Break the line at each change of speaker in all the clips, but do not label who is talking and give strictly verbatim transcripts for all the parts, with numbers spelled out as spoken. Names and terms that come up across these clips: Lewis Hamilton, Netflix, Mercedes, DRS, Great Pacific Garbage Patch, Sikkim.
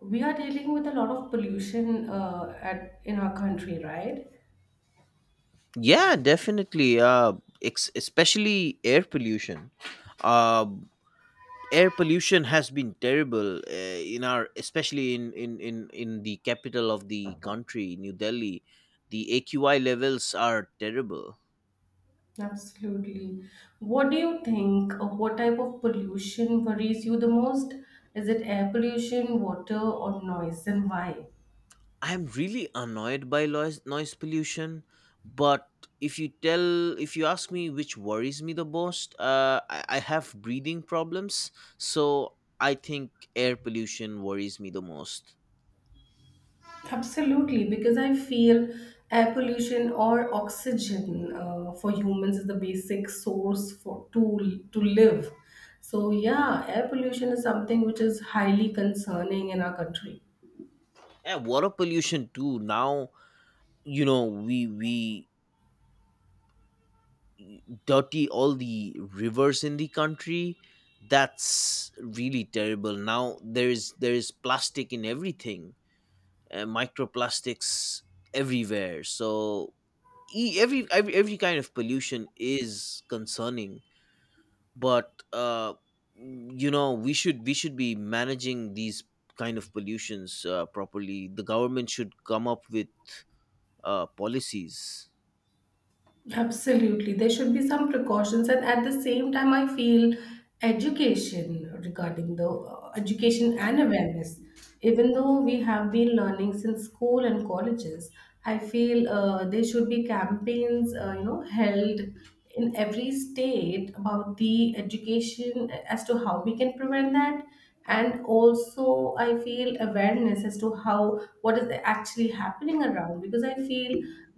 We are dealing with a lot of pollution uh, at in our country, right?
Yeah, definitely. Uh, ex- especially air pollution. Uh, Air pollution has been terrible uh, in our, especially in, in in in the capital of the country, New Delhi. The A Q I levels are terrible.
Absolutely. What do you think? uh, What type of pollution worries you the most? Is it air pollution, water, or noise, and why?
I'm really annoyed by noise noise pollution, but if you tell if you ask me which worries me the most, uh, I, I have breathing problems, so I think air pollution worries me the most.
Absolutely, because I feel air pollution or oxygen uh, for humans is the basic source for to to live. So yeah, air pollution is something which is highly concerning in our country.
Yeah, water pollution too. Now, you know, we we dirty all the rivers in the country. That's really terrible. Now there is there is plastic in everything, uh, microplastics everywhere. So e- every, every every kind of pollution is concerning, but uh you know, we should we should be managing these kind of pollutions uh, properly. The government should come up with uh, policies.
Absolutely. There should be some precautions. And at the same time, I feel education regarding the uh, education and awareness. Even though we have been learning since school and colleges, I feel uh, there should be campaigns, uh, you know, held in every state about the education as to how we can prevent that, and also I feel awareness as to how what is actually happening around, because I feel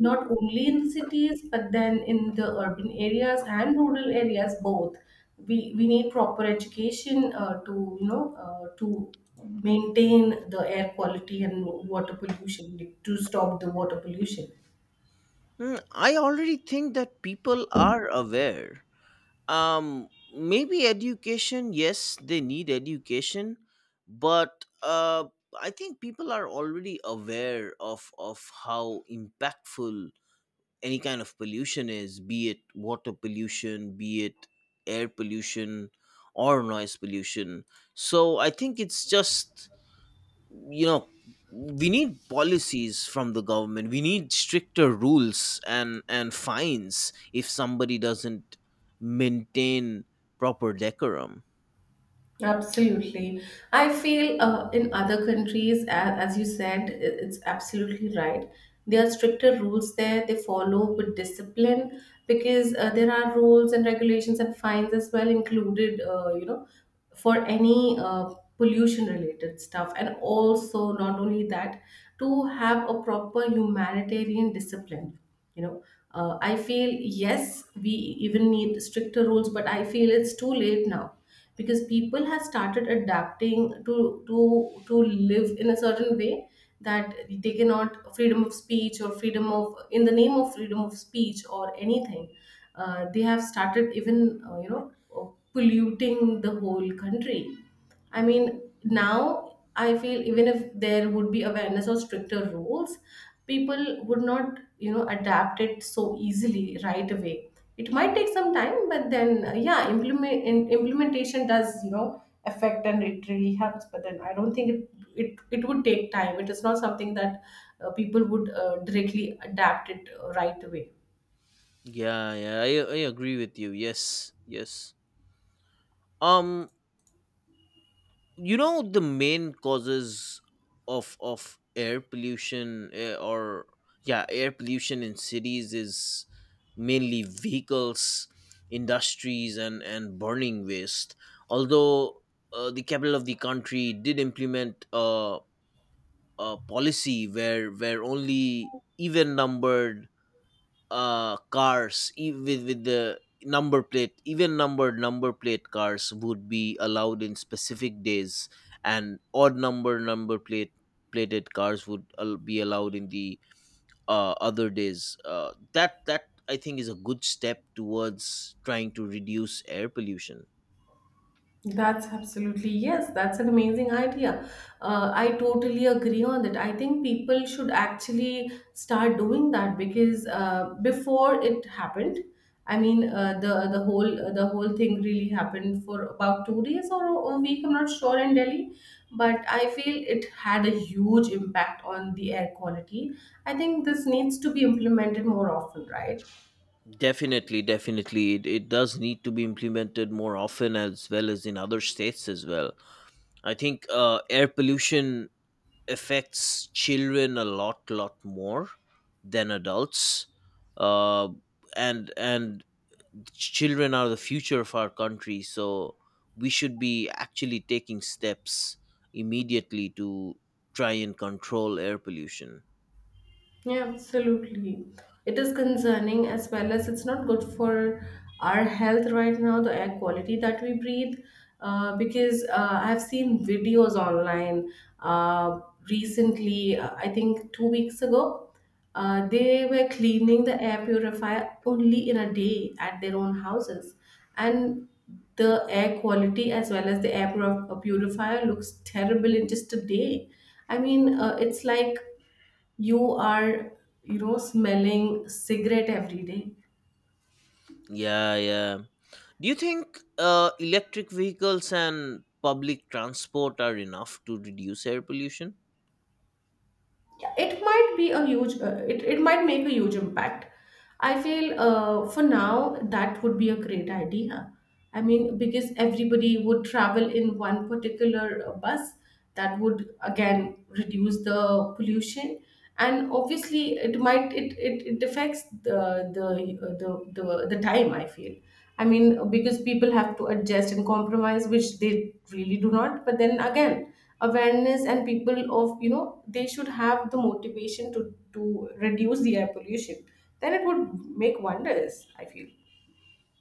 not only in the cities but then in the urban areas and rural areas both, we we need proper education uh, to you know uh, to maintain the air quality and water pollution, to stop the water pollution.
Hmm, I already think that people are aware. Um, Maybe education, yes, they need education, but uh, I think people are already aware of of how impactful any kind of pollution is, be it water pollution, be it air pollution, or noise pollution. So I think it's just, you know, we need policies from the government. We need stricter rules and and fines if somebody doesn't maintain proper decorum.
Absolutely. I feel uh, in other countries, a- as you said, i- it's absolutely right. There are stricter rules there, they follow with discipline because uh, there are rules and regulations and fines as well included, uh, you know, for any uh, pollution related stuff. And also, not only that, to have a proper humanitarian discipline, you know. Uh, I feel yes, we even need stricter rules, but I feel it's too late now because people have started adapting to to to live in a certain way that they cannot freedom of speech or freedom of in the name of freedom of speech or anything, uh, they have started even uh, you know uh, polluting the whole country. I mean, now I feel even if there would be awareness or stricter rules, people would not, you know, adapt it so easily right away. It might take some time, but then uh, yeah, implement in, implementation does, you know, affect and it really helps. But then I don't think it it, it would take time. It is not something that uh, people would uh, directly adapt it uh, right away.
Yeah, yeah i, I agree with you. Yes, yes. um you know, the main causes of of air pollution, uh, or yeah, air pollution in cities is mainly vehicles, industries, and and burning waste. Although, uh, the capital of the country did implement a, a policy where where only even numbered uh cars, even with, with the number plate, even numbered number plate cars would be allowed in specific days, and odd number number plate plated cars would al- be allowed in the uh, other days uh, that that I think is a good step towards trying to reduce air pollution.
That's absolutely yes. That's an amazing idea. Uh, I totally agree on that. I think people should actually start doing that because uh, before it happened, I mean uh, the the whole the whole thing really happened for about two days or a week. I'm not sure in Delhi, but I feel it had a huge impact on the air quality. I think this needs to be implemented more often, right?
Definitely, definitely. It, it does need to be implemented more often, as well as in other states as well. I think uh, air pollution affects children a lot lot more than adults, uh, and and children are the future of our country, so we should be actually taking steps immediately to try and control air pollution.
Yeah, absolutely. It is concerning as well as it's not good for our health right now, the air quality that we breathe. Uh, because uh, I've seen videos online uh, recently, uh, I think two weeks ago, uh, they were cleaning the air purifier only in a day at their own houses. And the air quality as well as the air pur- purifier looks terrible in just a day. I mean, uh, it's like you are, you know, smelling cigarette every day.
Yeah, yeah. Do you think uh, electric vehicles and public transport are enough to reduce air pollution?
It might be a huge uh, it, it might make a huge impact. I feel uh, for now that would be a great idea. I mean, because everybody would travel in one particular uh, bus, that would again reduce the pollution. And obviously it might it it, it affects the the, uh, the the the time I feel. I mean, because people have to adjust and compromise which they really do not, but then again awareness and people of, you know, they should have the motivation to to reduce the air pollution, then it would make wonders I feel.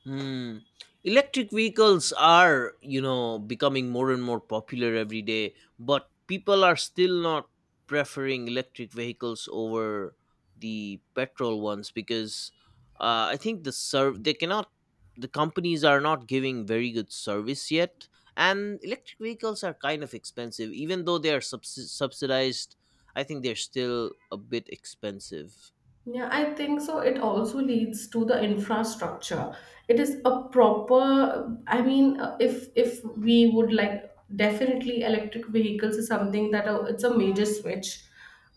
Hmm. Electric vehicles are, you know, becoming more and more popular every day, but people are still not preferring electric vehicles over the petrol ones because uh, I think the serv they cannot, the companies are not giving very good service yet, and electric vehicles are kind of expensive, even though they are subs- subsidized. I think they're still a bit expensive.
Yeah, I think so. It also leads to the infrastructure. It is a proper, I mean, uh, if if we would like, definitely electric vehicles is something that uh, it's a major switch,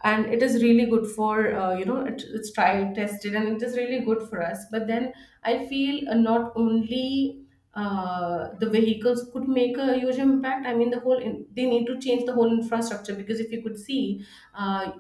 and it is really good for uh, you know it, it's tried tested and it is really good for us. But then I feel uh, not only uh, the vehicles could make a huge impact. I mean, the whole in, they need to change the whole infrastructure because if you could see uh,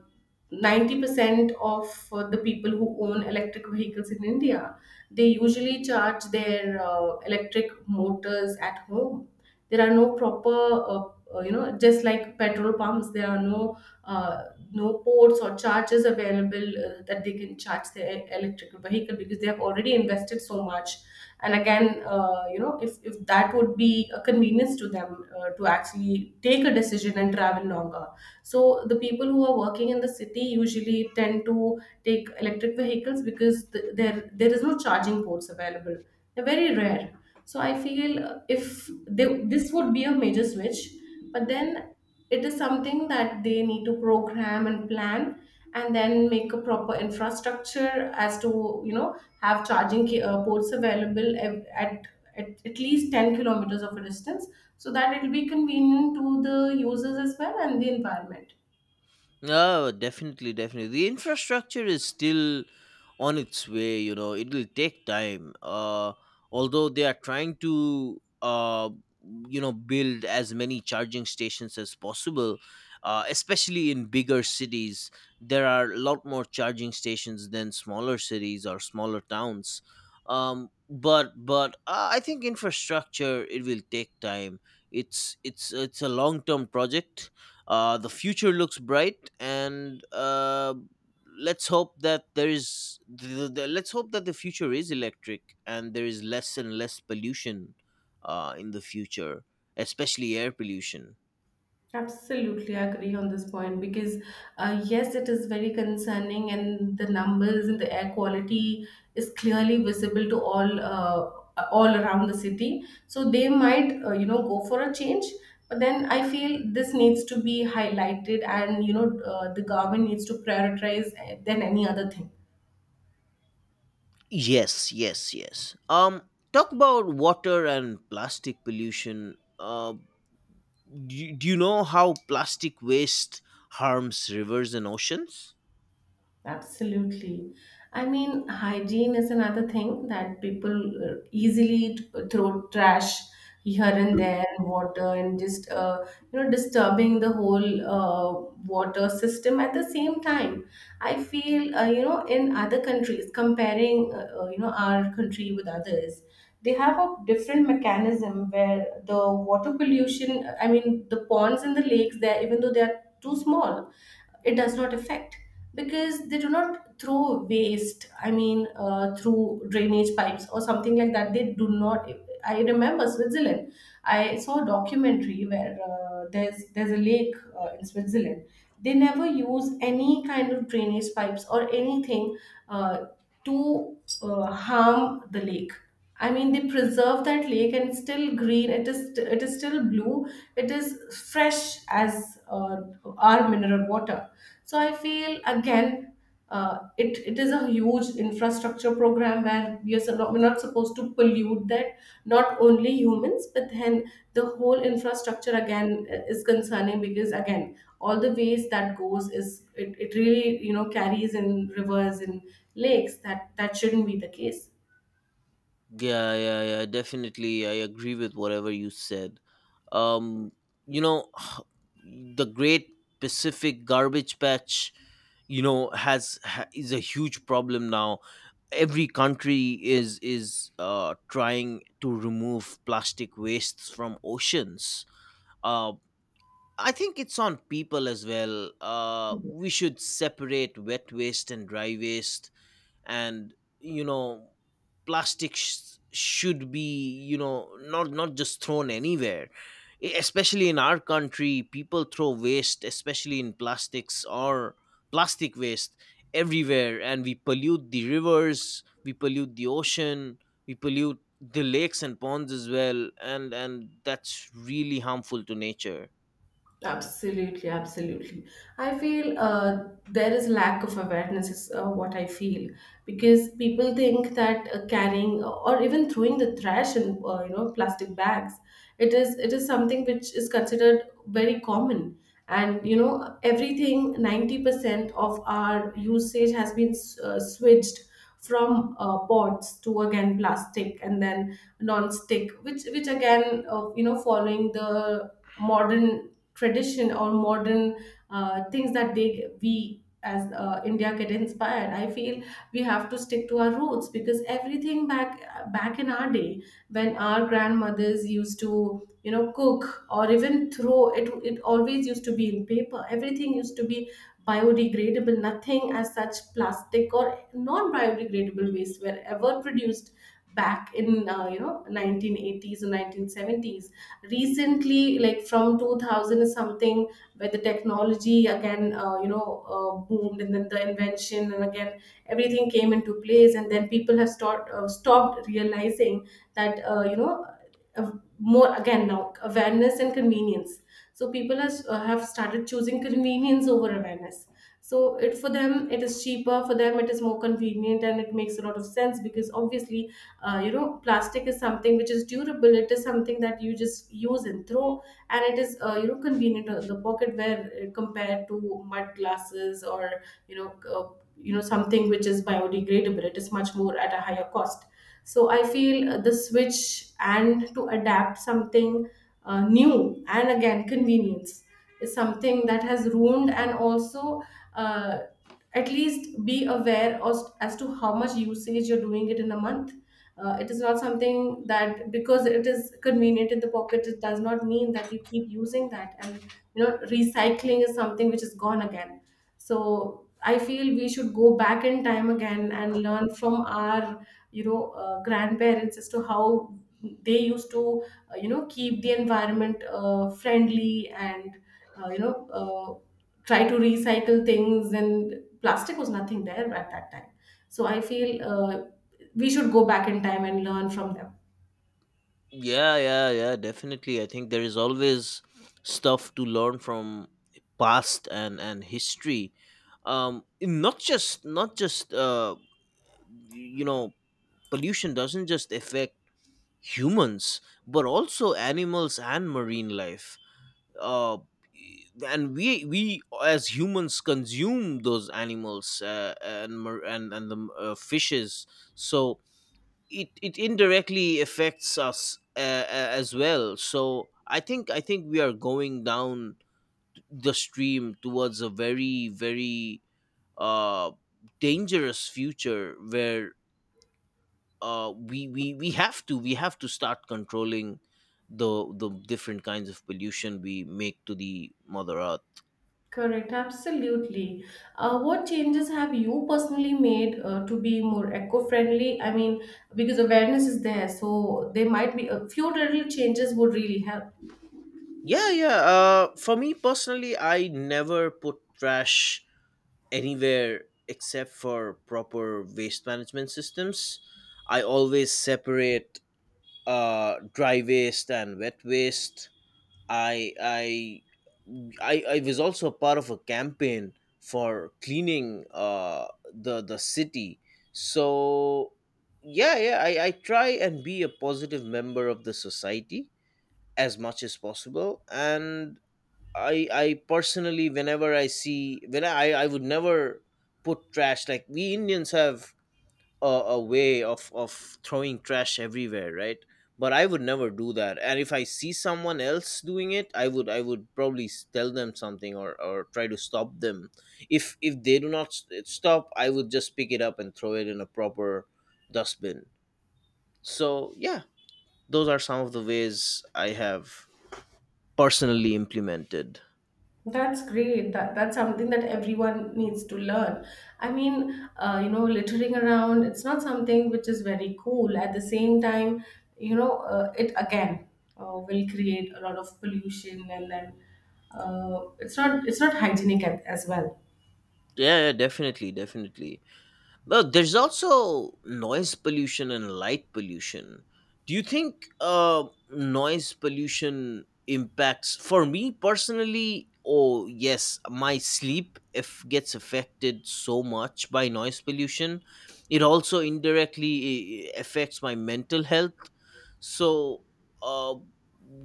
ninety percent of uh, the people who own electric vehicles in India, they usually charge their uh, electric motors at home. There are no proper, uh, uh, you know, just like petrol pumps, there are no uh, no ports or charges available uh, that they can charge their e-, electric vehicle because they have already invested so much. And again, uh, you know, if, if that would be a convenience to them uh, to actually take a decision and travel longer, so the people who are working in the city usually tend to take electric vehicles because th- there there is no charging ports available, they're very rare. So I feel uh, if they, this would be a major switch, but then it is something that they need to program and plan and then make a proper infrastructure as to, you know, have charging ca- uh, ports available ev- at, at at least ten kilometers of a distance so that it will be convenient to the users as well and the environment.
No, definitely, definitely. The infrastructure is still on its way, you know. It will take time. Uh, although they are trying to, uh, you know, build as many charging stations as possible, uh, especially in bigger cities. There are a lot more charging stations than smaller cities or smaller towns. Um, but but uh, I think infrastructure, it will take time. It's it's it's a long term project uh, The future looks bright, and uh, let's hope that there is the, the, the- let's hope that the future is electric, and there is less and less pollution uh, in the future, especially air pollution.
Absolutely agree on this point because uh, yes, it is very concerning, and the numbers and the air quality is clearly visible to all uh, all around the city. So they might, uh, you know, go for a change, but then I feel this needs to be highlighted, and you know, uh, the government needs to prioritize uh, than any other thing.
Yes, yes, yes. Um, talk about water and plastic pollution. Uh, do you, do you know how plastic waste harms rivers and oceans?
Absolutely. I mean, hygiene is another thing that people uh, easily t- throw trash here and there, water, and just uh, you know disturbing the whole uh, water system. At the same time, I feel uh, you know in other countries, comparing uh, uh, you know our country with others, they have a different mechanism where the water pollution. I mean, the ponds and the lakes there, even though they are too small, it does not affect because they do not throw waste. I mean uh, through drainage pipes or something like that, they do not. I remember Switzerland, I saw a documentary where uh, there's there's a lake uh, in Switzerland, they never use any kind of drainage pipes or anything uh, to uh, harm the lake. I mean they preserve that lake and it's still green, it is, it is still blue, it is fresh as uh, our mineral water. So I feel again, uh, it it is a huge infrastructure program where we are so not, we're not supposed to pollute that. Not only humans, but then the whole infrastructure again uh, is concerning because again, all the waste that goes is it, it really you know carries in rivers and lakes, that that shouldn't be the case.
Yeah, yeah, yeah. Definitely, I agree with whatever you said. Um, you know, the Great Pacific Garbage Patch, you know, has ha- is a huge problem now. Every country is is uh, trying to remove plastic wastes from oceans. Uh, I think it's on people as well. Uh, we should separate wet waste and dry waste, and, you know, plastics should be, you know, not not just thrown anywhere. E- especially in our country, people throw waste, especially in plastics or plastic waste, everywhere, and we pollute the rivers, we pollute the ocean, we pollute the lakes and ponds as well, and and that's really harmful to nature.
Absolutely, absolutely. I feel uh, there is lack of awareness is uh, what I feel because people think that uh, carrying uh, or even throwing the trash in, uh, you know, plastic bags, it is it is something which is considered very common. And you know everything ninety percent of our usage has been uh, switched from uh, pots to again plastic and then non-stick, which which again uh, you know following the modern tradition or modern uh, things that they we as uh, India get inspired. I feel we have to stick to our roots because everything back back in our day, when our grandmothers used to, you know, cook or even throw it, it always used to be in paper. Everything used to be biodegradable. Nothing as such plastic or non biodegradable waste were ever produced back in, uh, you know, nineteen eighties or nineteen seventies, recently like from two thousand something, where the technology again uh, you know uh, boomed and then the invention and again everything came into place, and then people have start, uh, stopped realizing that uh, you know uh, more again, now awareness and convenience. So people has, uh, have started choosing convenience over awareness, so it for them it is cheaper, for them it is more convenient, and it makes a lot of sense because obviously uh, you know plastic is something which is durable, it is something that you just use and throw, and it is uh, you know convenient in the pocket where uh, compared to mud glasses or you know uh, you know something which is biodegradable, it is much more at a higher cost. So I feel uh, the switch and to adapt something uh, new and again convenience is something that has ruined, and also uh, at least be aware as, as to how much usage you're doing it in a month. Uh, it is not something that because it is convenient in the pocket, it does not mean that you keep using that. And you know, recycling is something which is gone again. So I feel we should go back in time again and learn from our you know uh, grandparents as to how they used to uh, you know keep the environment uh, friendly and uh, you know uh, try to recycle things and plastic was nothing there at that time, so i feel uh, we should go back in time and learn from them.
Yeah, yeah, yeah, definitely. I think there is always stuff to learn from past and and history. Um not just Not just, uh you know, pollution doesn't just affect humans, but also animals and marine life. Uh and we we as humans consume those animals, uh, and mar- and and the uh, fishes, so it it indirectly affects us, uh, uh, as well. So i think I think we are going down the stream towards a very very uh dangerous future where uh we we we have to, we have to start controlling the the different kinds of pollution we make to the mother earth.
Correct, absolutely. Uh, what changes have you personally made uh, to be more eco-friendly? I mean, because awareness is there, so there might be a few little changes would really help.
Yeah, yeah. Uh for me personally, I never put trash anywhere except for proper waste management systems. I always separate uh, dry waste and wet waste. I I I, I was also part of a campaign for cleaning uh, the the city. So yeah, yeah, I, I try and be a positive member of the society as much as possible, and I I personally, whenever I see, when I I would never put trash, like we Indians have a, a way of of throwing trash everywhere, right? But I would never do that. And if I see someone else doing it, I would I would probably s- tell them something, or or try to stop them. If if they do not s- stop, I would just pick it up and throw it in a proper dustbin. So yeah, those are some of the ways I have personally implemented.
That's great. That that's something that everyone needs to learn. I mean, uh, you know, littering around, it's not something which is very cool. At the same time, you know, uh, it again uh, will create a lot of pollution, and then uh, it's not it's not hygienic at, as well.
Yeah, yeah, definitely, definitely. Well, there's also noise pollution and light pollution. Do you think uh, noise pollution impacts? For me personally, oh yes, my sleep if gets affected so much by noise pollution. It also indirectly, eh, eh, affects my mental health. So, uh,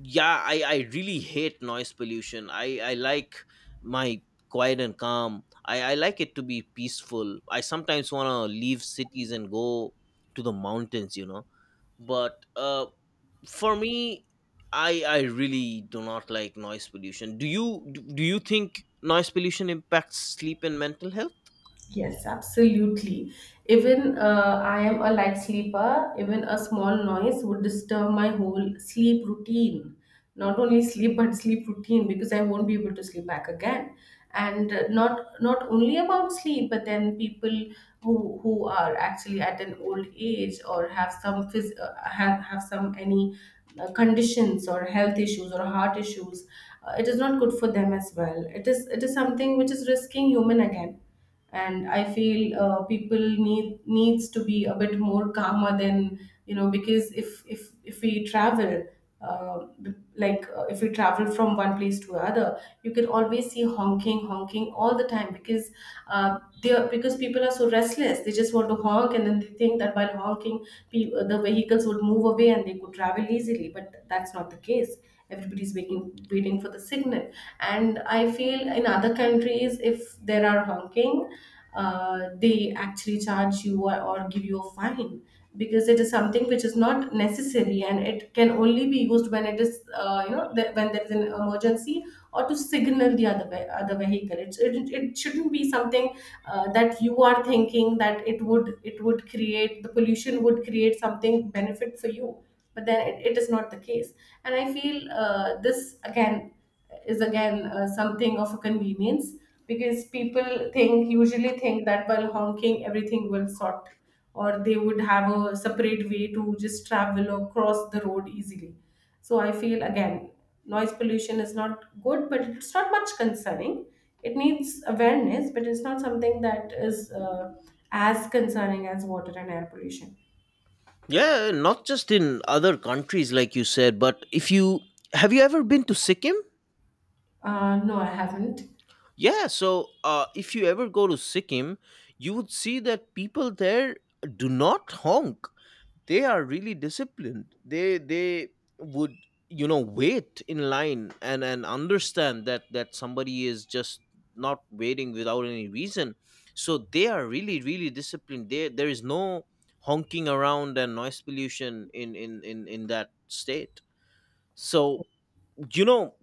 yeah, I I really hate noise pollution. I I like my quiet and calm. I, I like it to be peaceful. I sometimes want to leave cities and go to the mountains, you know. But uh, for me, I I really do not like noise pollution. Do you do do you think noise pollution impacts sleep and mental health?
Yes, absolutely. Even uh, I am a light sleeper, even a small noise would disturb my whole sleep routine. Not only sleep, but sleep routine, because I won't be able to sleep back again. And uh, not not only about sleep, but then people who who are actually at an old age or have some phys- uh, have have some any uh, conditions or health issues or heart issues, uh, it is not good for them as well. It is it is something which is risking human again, and i feel uh, people need needs to be a bit more calmer than, you know, because if if if we travel uh, like uh, if we travel from one place to another, you can always see honking honking all the time because uh, they are, because people are so restless they just want to honk, and then they think that while honking pe- uh, the vehicles would move away and they could travel easily, but that's not the case. Everybody's waiting waiting for the signal. And I feel in other countries, if there are honking, uh, they actually charge you, or, or give you a fine, because it is something which is not necessary, and it can only be used when it is, uh, you know, the, when there is an emergency, or to signal the other ve- other vehicle. It's, it, it shouldn't be something uh, that you are thinking that it would it would create the pollution, would create something benefit for you, but then it, it is not the case. And I feel uh, this again is again uh, something of a convenience, because people think usually think that while honking everything will sort, or they would have a separate way to just travel or cross the road easily. So I feel again, noise pollution is not good, but it's not much concerning. It needs awareness, but it's not something that is uh, as concerning as water and air pollution.
Yeah, not just in other countries, like you said, but if you have you ever been to Sikkim?
Uh, no, I haven't.
Yeah, so uh, if you ever go to Sikkim, you would see that people there do not honk. They are really disciplined. They they would, you know, wait in line and and understand that that somebody is just not waiting without any reason. So they are really really disciplined. there there is no honking around and noise pollution in in in, in that state. So, you know,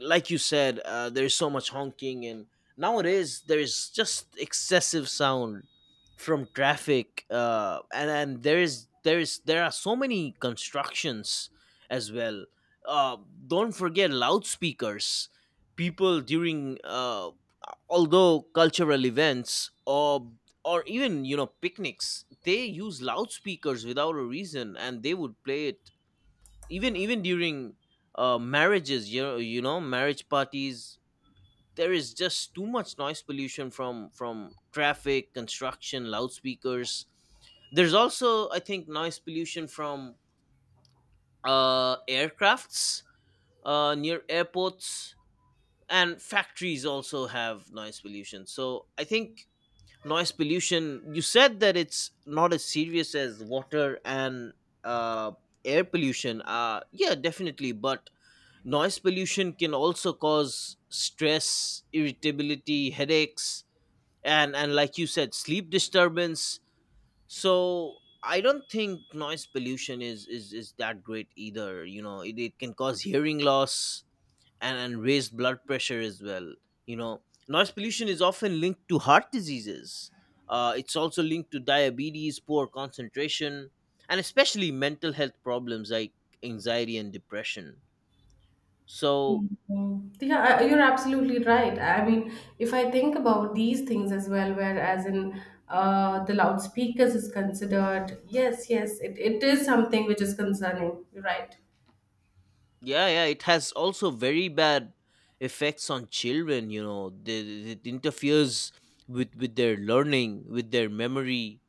like you said, uh, there's so much honking, and nowadays there's just excessive sound from traffic, uh, and and there is there is there are so many constructions as well. uh, don't forget loudspeakers. People during uh, although cultural events, or or even, you know, picnics, they use loudspeakers without a reason, and they would play it even even during uh, marriages, you know, you know marriage parties. There is just too much noise pollution from from traffic, construction, loudspeakers. There's also, I think, noise pollution from uh aircrafts uh near airports, and factories also have noise pollution. So I think noise pollution, you said that it's not as serious as water and uh air pollution. Uh yeah, definitely, but noise pollution can also cause stress, irritability, headaches, and, and like you said, sleep disturbance. So I don't think noise pollution is, is, is that great either. You know, it, it can cause hearing loss, and, and raised blood pressure as well. You know, noise pollution is often linked to heart diseases. Uh, it's also linked to diabetes, poor concentration, and especially mental health problems like anxiety and depression. So
Mhm. Yeah, I- you're absolutely right. I mean, if I think about these things as well, whereas in uh, the loudspeakers is considered, yes, yes, it, it is something which is concerning. You're right.
yeah, yeah, it has also very bad effects on children, you know. The, it interferes with with their learning, with their memory,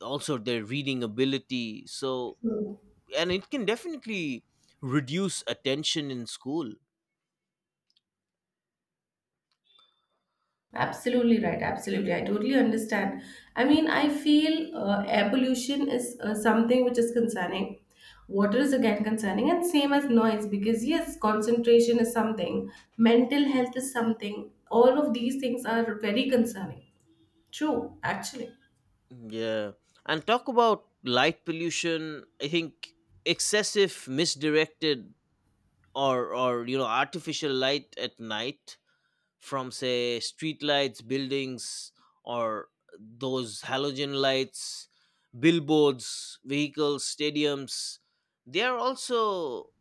also their reading ability. So, and it can definitely reduce attention in school.
Absolutely right. Absolutely. I totally understand. I mean, I feel uh, air pollution is uh, something which is concerning. Water is again concerning, and same as noise because, yes, concentration is something, mental health is something. All of these things are very concerning. True, actually.
Yeah, and talk about light pollution. I think excessive misdirected, or or you know, artificial light at night from say street lights, buildings, or those halogen lights, billboards, vehicles, stadiums, they are also,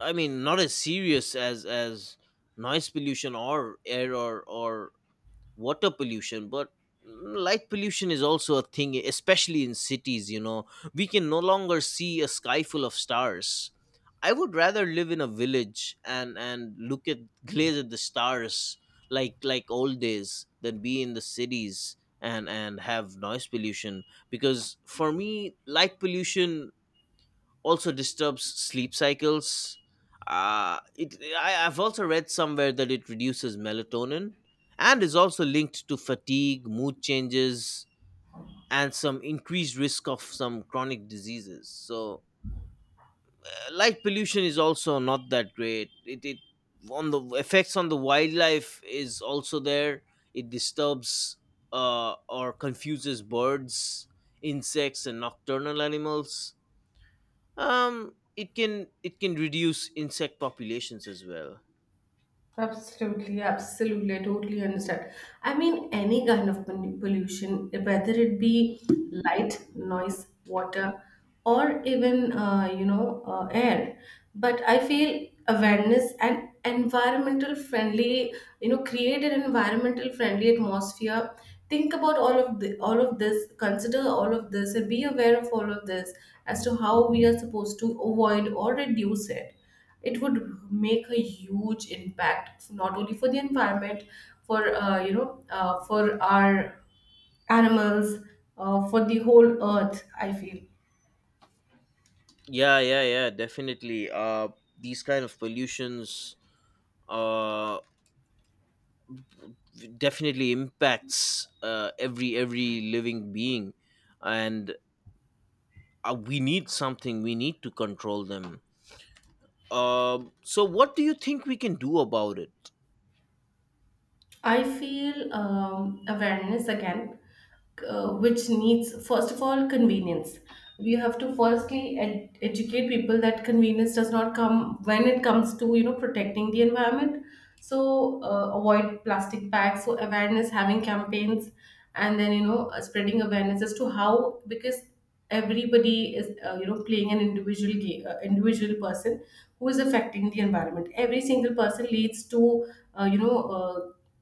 I mean, not as serious as as noise pollution or air, or or water pollution. But mm, light pollution is also a thing, especially in cities, you know. We can no longer see a sky full of stars. I would rather live in a village and and look at gaze at the stars like like old days, than be in the cities and and have noise pollution, because for me light pollution also disturbs sleep cycles. Uh, it, I, I've also read somewhere that it reduces melatonin, and is also linked to fatigue, mood changes, and some increased risk of some chronic diseases. So, uh, light pollution is also not that great. It, it, on the effects on the wildlife is also there. It disturbs, uh, or confuses birds, insects, and nocturnal animals. Um, it can, it can reduce insect populations as well.
Absolutely, absolutely. I totally understand. I mean, any kind of pol- pollution, whether it be light, noise, water, or even uh, you know uh, air. But I feel awareness and environmental friendly, you know, create an environmental friendly atmosphere. Think about all of the, all of this. Consider all of this, and be aware of all of this as to how we are supposed to avoid or reduce it. It would make a huge impact, not only for the environment, for uh, you know uh, for our animals, uh, for the whole earth, I feel.
Yeah, yeah, yeah, definitely. Uh, these kind of pollutions uh definitely impacts, uh every every living being, and uh, we need something. We need to control them. Um, so what do you think we can do about it?
I feel um, awareness again, uh, which needs, first of all, convenience. We have to firstly ed- educate people that convenience does not come when it comes to, you know, protecting the environment. So uh, avoid plastic bags. So awareness, having campaigns, and then, you know, uh, spreading awareness as to how, because everybody is, uh, you know, playing an individual ga- uh, individual person who is affecting the environment. Every single person leads to uh, you know uh,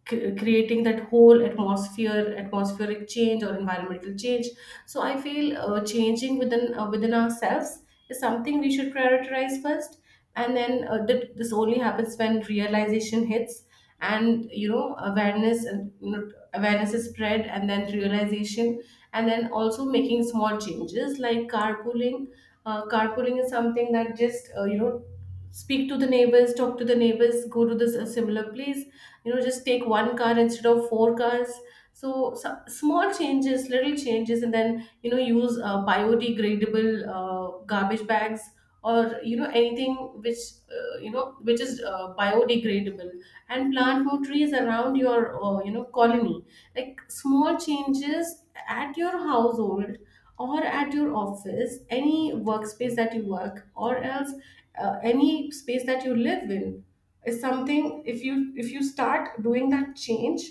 c- creating that whole atmosphere atmospheric change or environmental change. So I feel uh, changing within uh, within ourselves is something we should prioritize first. And then uh, th- this only happens when realization hits, and, you know, awareness and, you know, awareness is spread, and then realization, and then also making small changes like carpooling. Uh, carpooling is something that just, uh, you know, speak to the neighbors, talk to the neighbors, go to this a similar place, you know, just take one car instead of four cars. So some small changes, little changes, and then, you know, use uh, biodegradable uh, garbage bags, or, you know, anything which uh, you know, which is uh, biodegradable, and plant more trees around your, uh, you know, colony. Like small changes at your household, or at your office, any workspace that you work, or else uh, any space that you live in is something. If you if you start doing that change,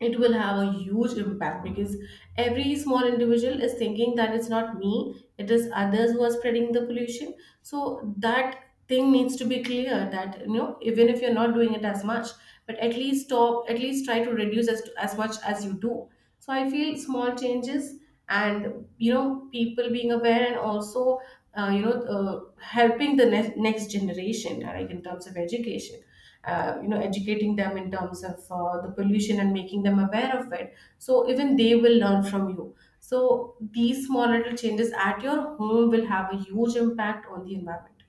it will have a huge impact, because every small individual is thinking that it's not me, it is others who are spreading the pollution. So that thing needs to be clear that, you know, even if you're not doing it as much, but at least stop, at least try to reduce as, as much as you do. So I feel small changes, and, you know, people being aware, and also uh, you know uh, helping the ne- next generation, like in terms of education, uh, you know, educating them in terms of uh, the pollution and making them aware of it, so even they will learn from you. So these small little changes at your home will have a huge impact on the environment.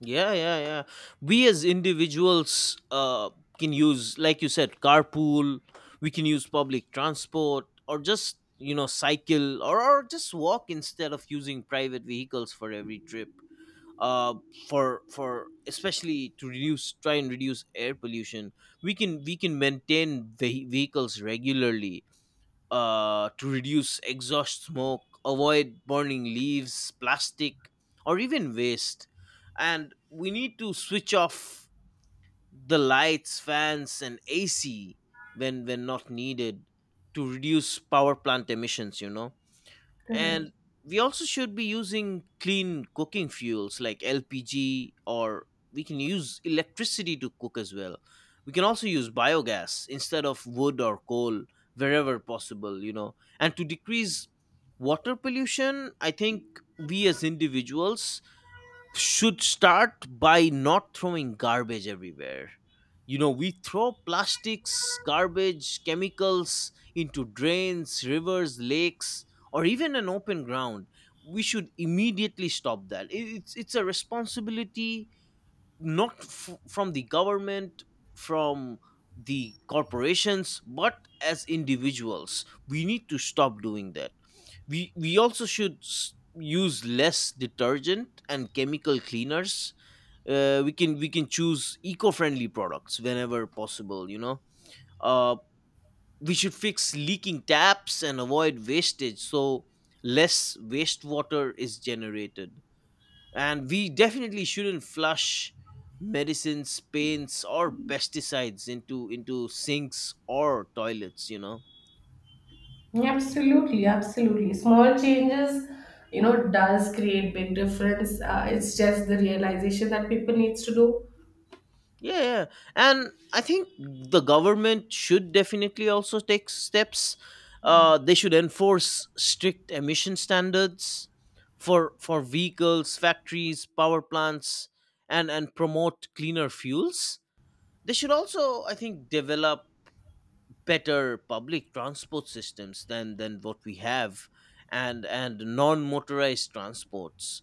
Yeah, yeah, yeah. We as individuals uh, can use, like you said, carpool. We can use public transport, or just, you know, cycle, or, or just walk instead of using private vehicles for every trip. Uh, for for especially to reduce, try and reduce air pollution, we can we can maintain ve- vehicles regularly uh, to reduce exhaust smoke, avoid burning leaves, plastic, or even waste. And we need to switch off the lights, fans, and A C when when not needed to reduce power plant emissions. You know,
Correct.
and we also should be using clean cooking fuels like l p g, or we can use electricity to cook as well. We can also use biogas instead of wood or coal wherever possible, you know. And to decrease water pollution, I think we as individuals should start by not throwing garbage everywhere. You know, we throw plastics, garbage, chemicals into drains, rivers, lakes, or even an open ground. We should immediately stop that. I- It's it's a responsibility not f- from the government, from the corporations, but as individuals. We need to stop doing that. We we also should s- use less detergent and chemical cleaners. Uh, we can we can choose eco-friendly products whenever possible, you know. uh, we should fix leaking taps and avoid wastage, so less wastewater is generated. And we definitely shouldn't flush medicines, paints, or pesticides into into sinks or toilets, you know.
Absolutely, absolutely. Small changes, you know, does create big difference. Uh, it's just the realization that people needs to do.
Yeah, yeah. And I think the government should definitely also take steps. Uh, they should enforce strict emission standards for for vehicles, factories, power plants, and and promote cleaner fuels. They should also, I think, develop better public transport systems than than what we have, and and non motorized transports.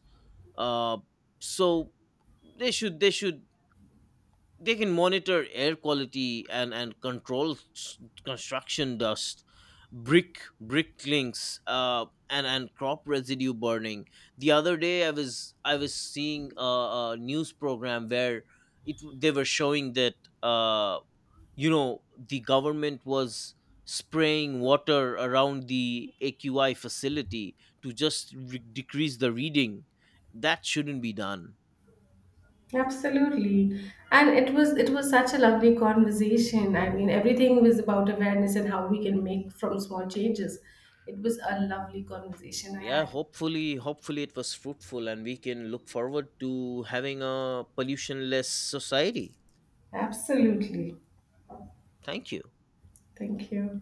Uh, so they should they should, they can monitor air quality and and control s- construction dust, brick brick links, uh and and crop residue burning. The other day, i was I was seeing a, a news program where it they were showing that uh you know, the government was spraying water around the A Q I facility to just re- decrease the reading. That shouldn't be done.
Absolutely. And it was it was such a lovely conversation. I mean, everything was about awareness and how we can make from small changes. It was a lovely conversation I
Yeah,
had.
hopefully, hopefully it was fruitful, and we can look forward to having a pollutionless society.
Absolutely.
Thank you.
Thank you.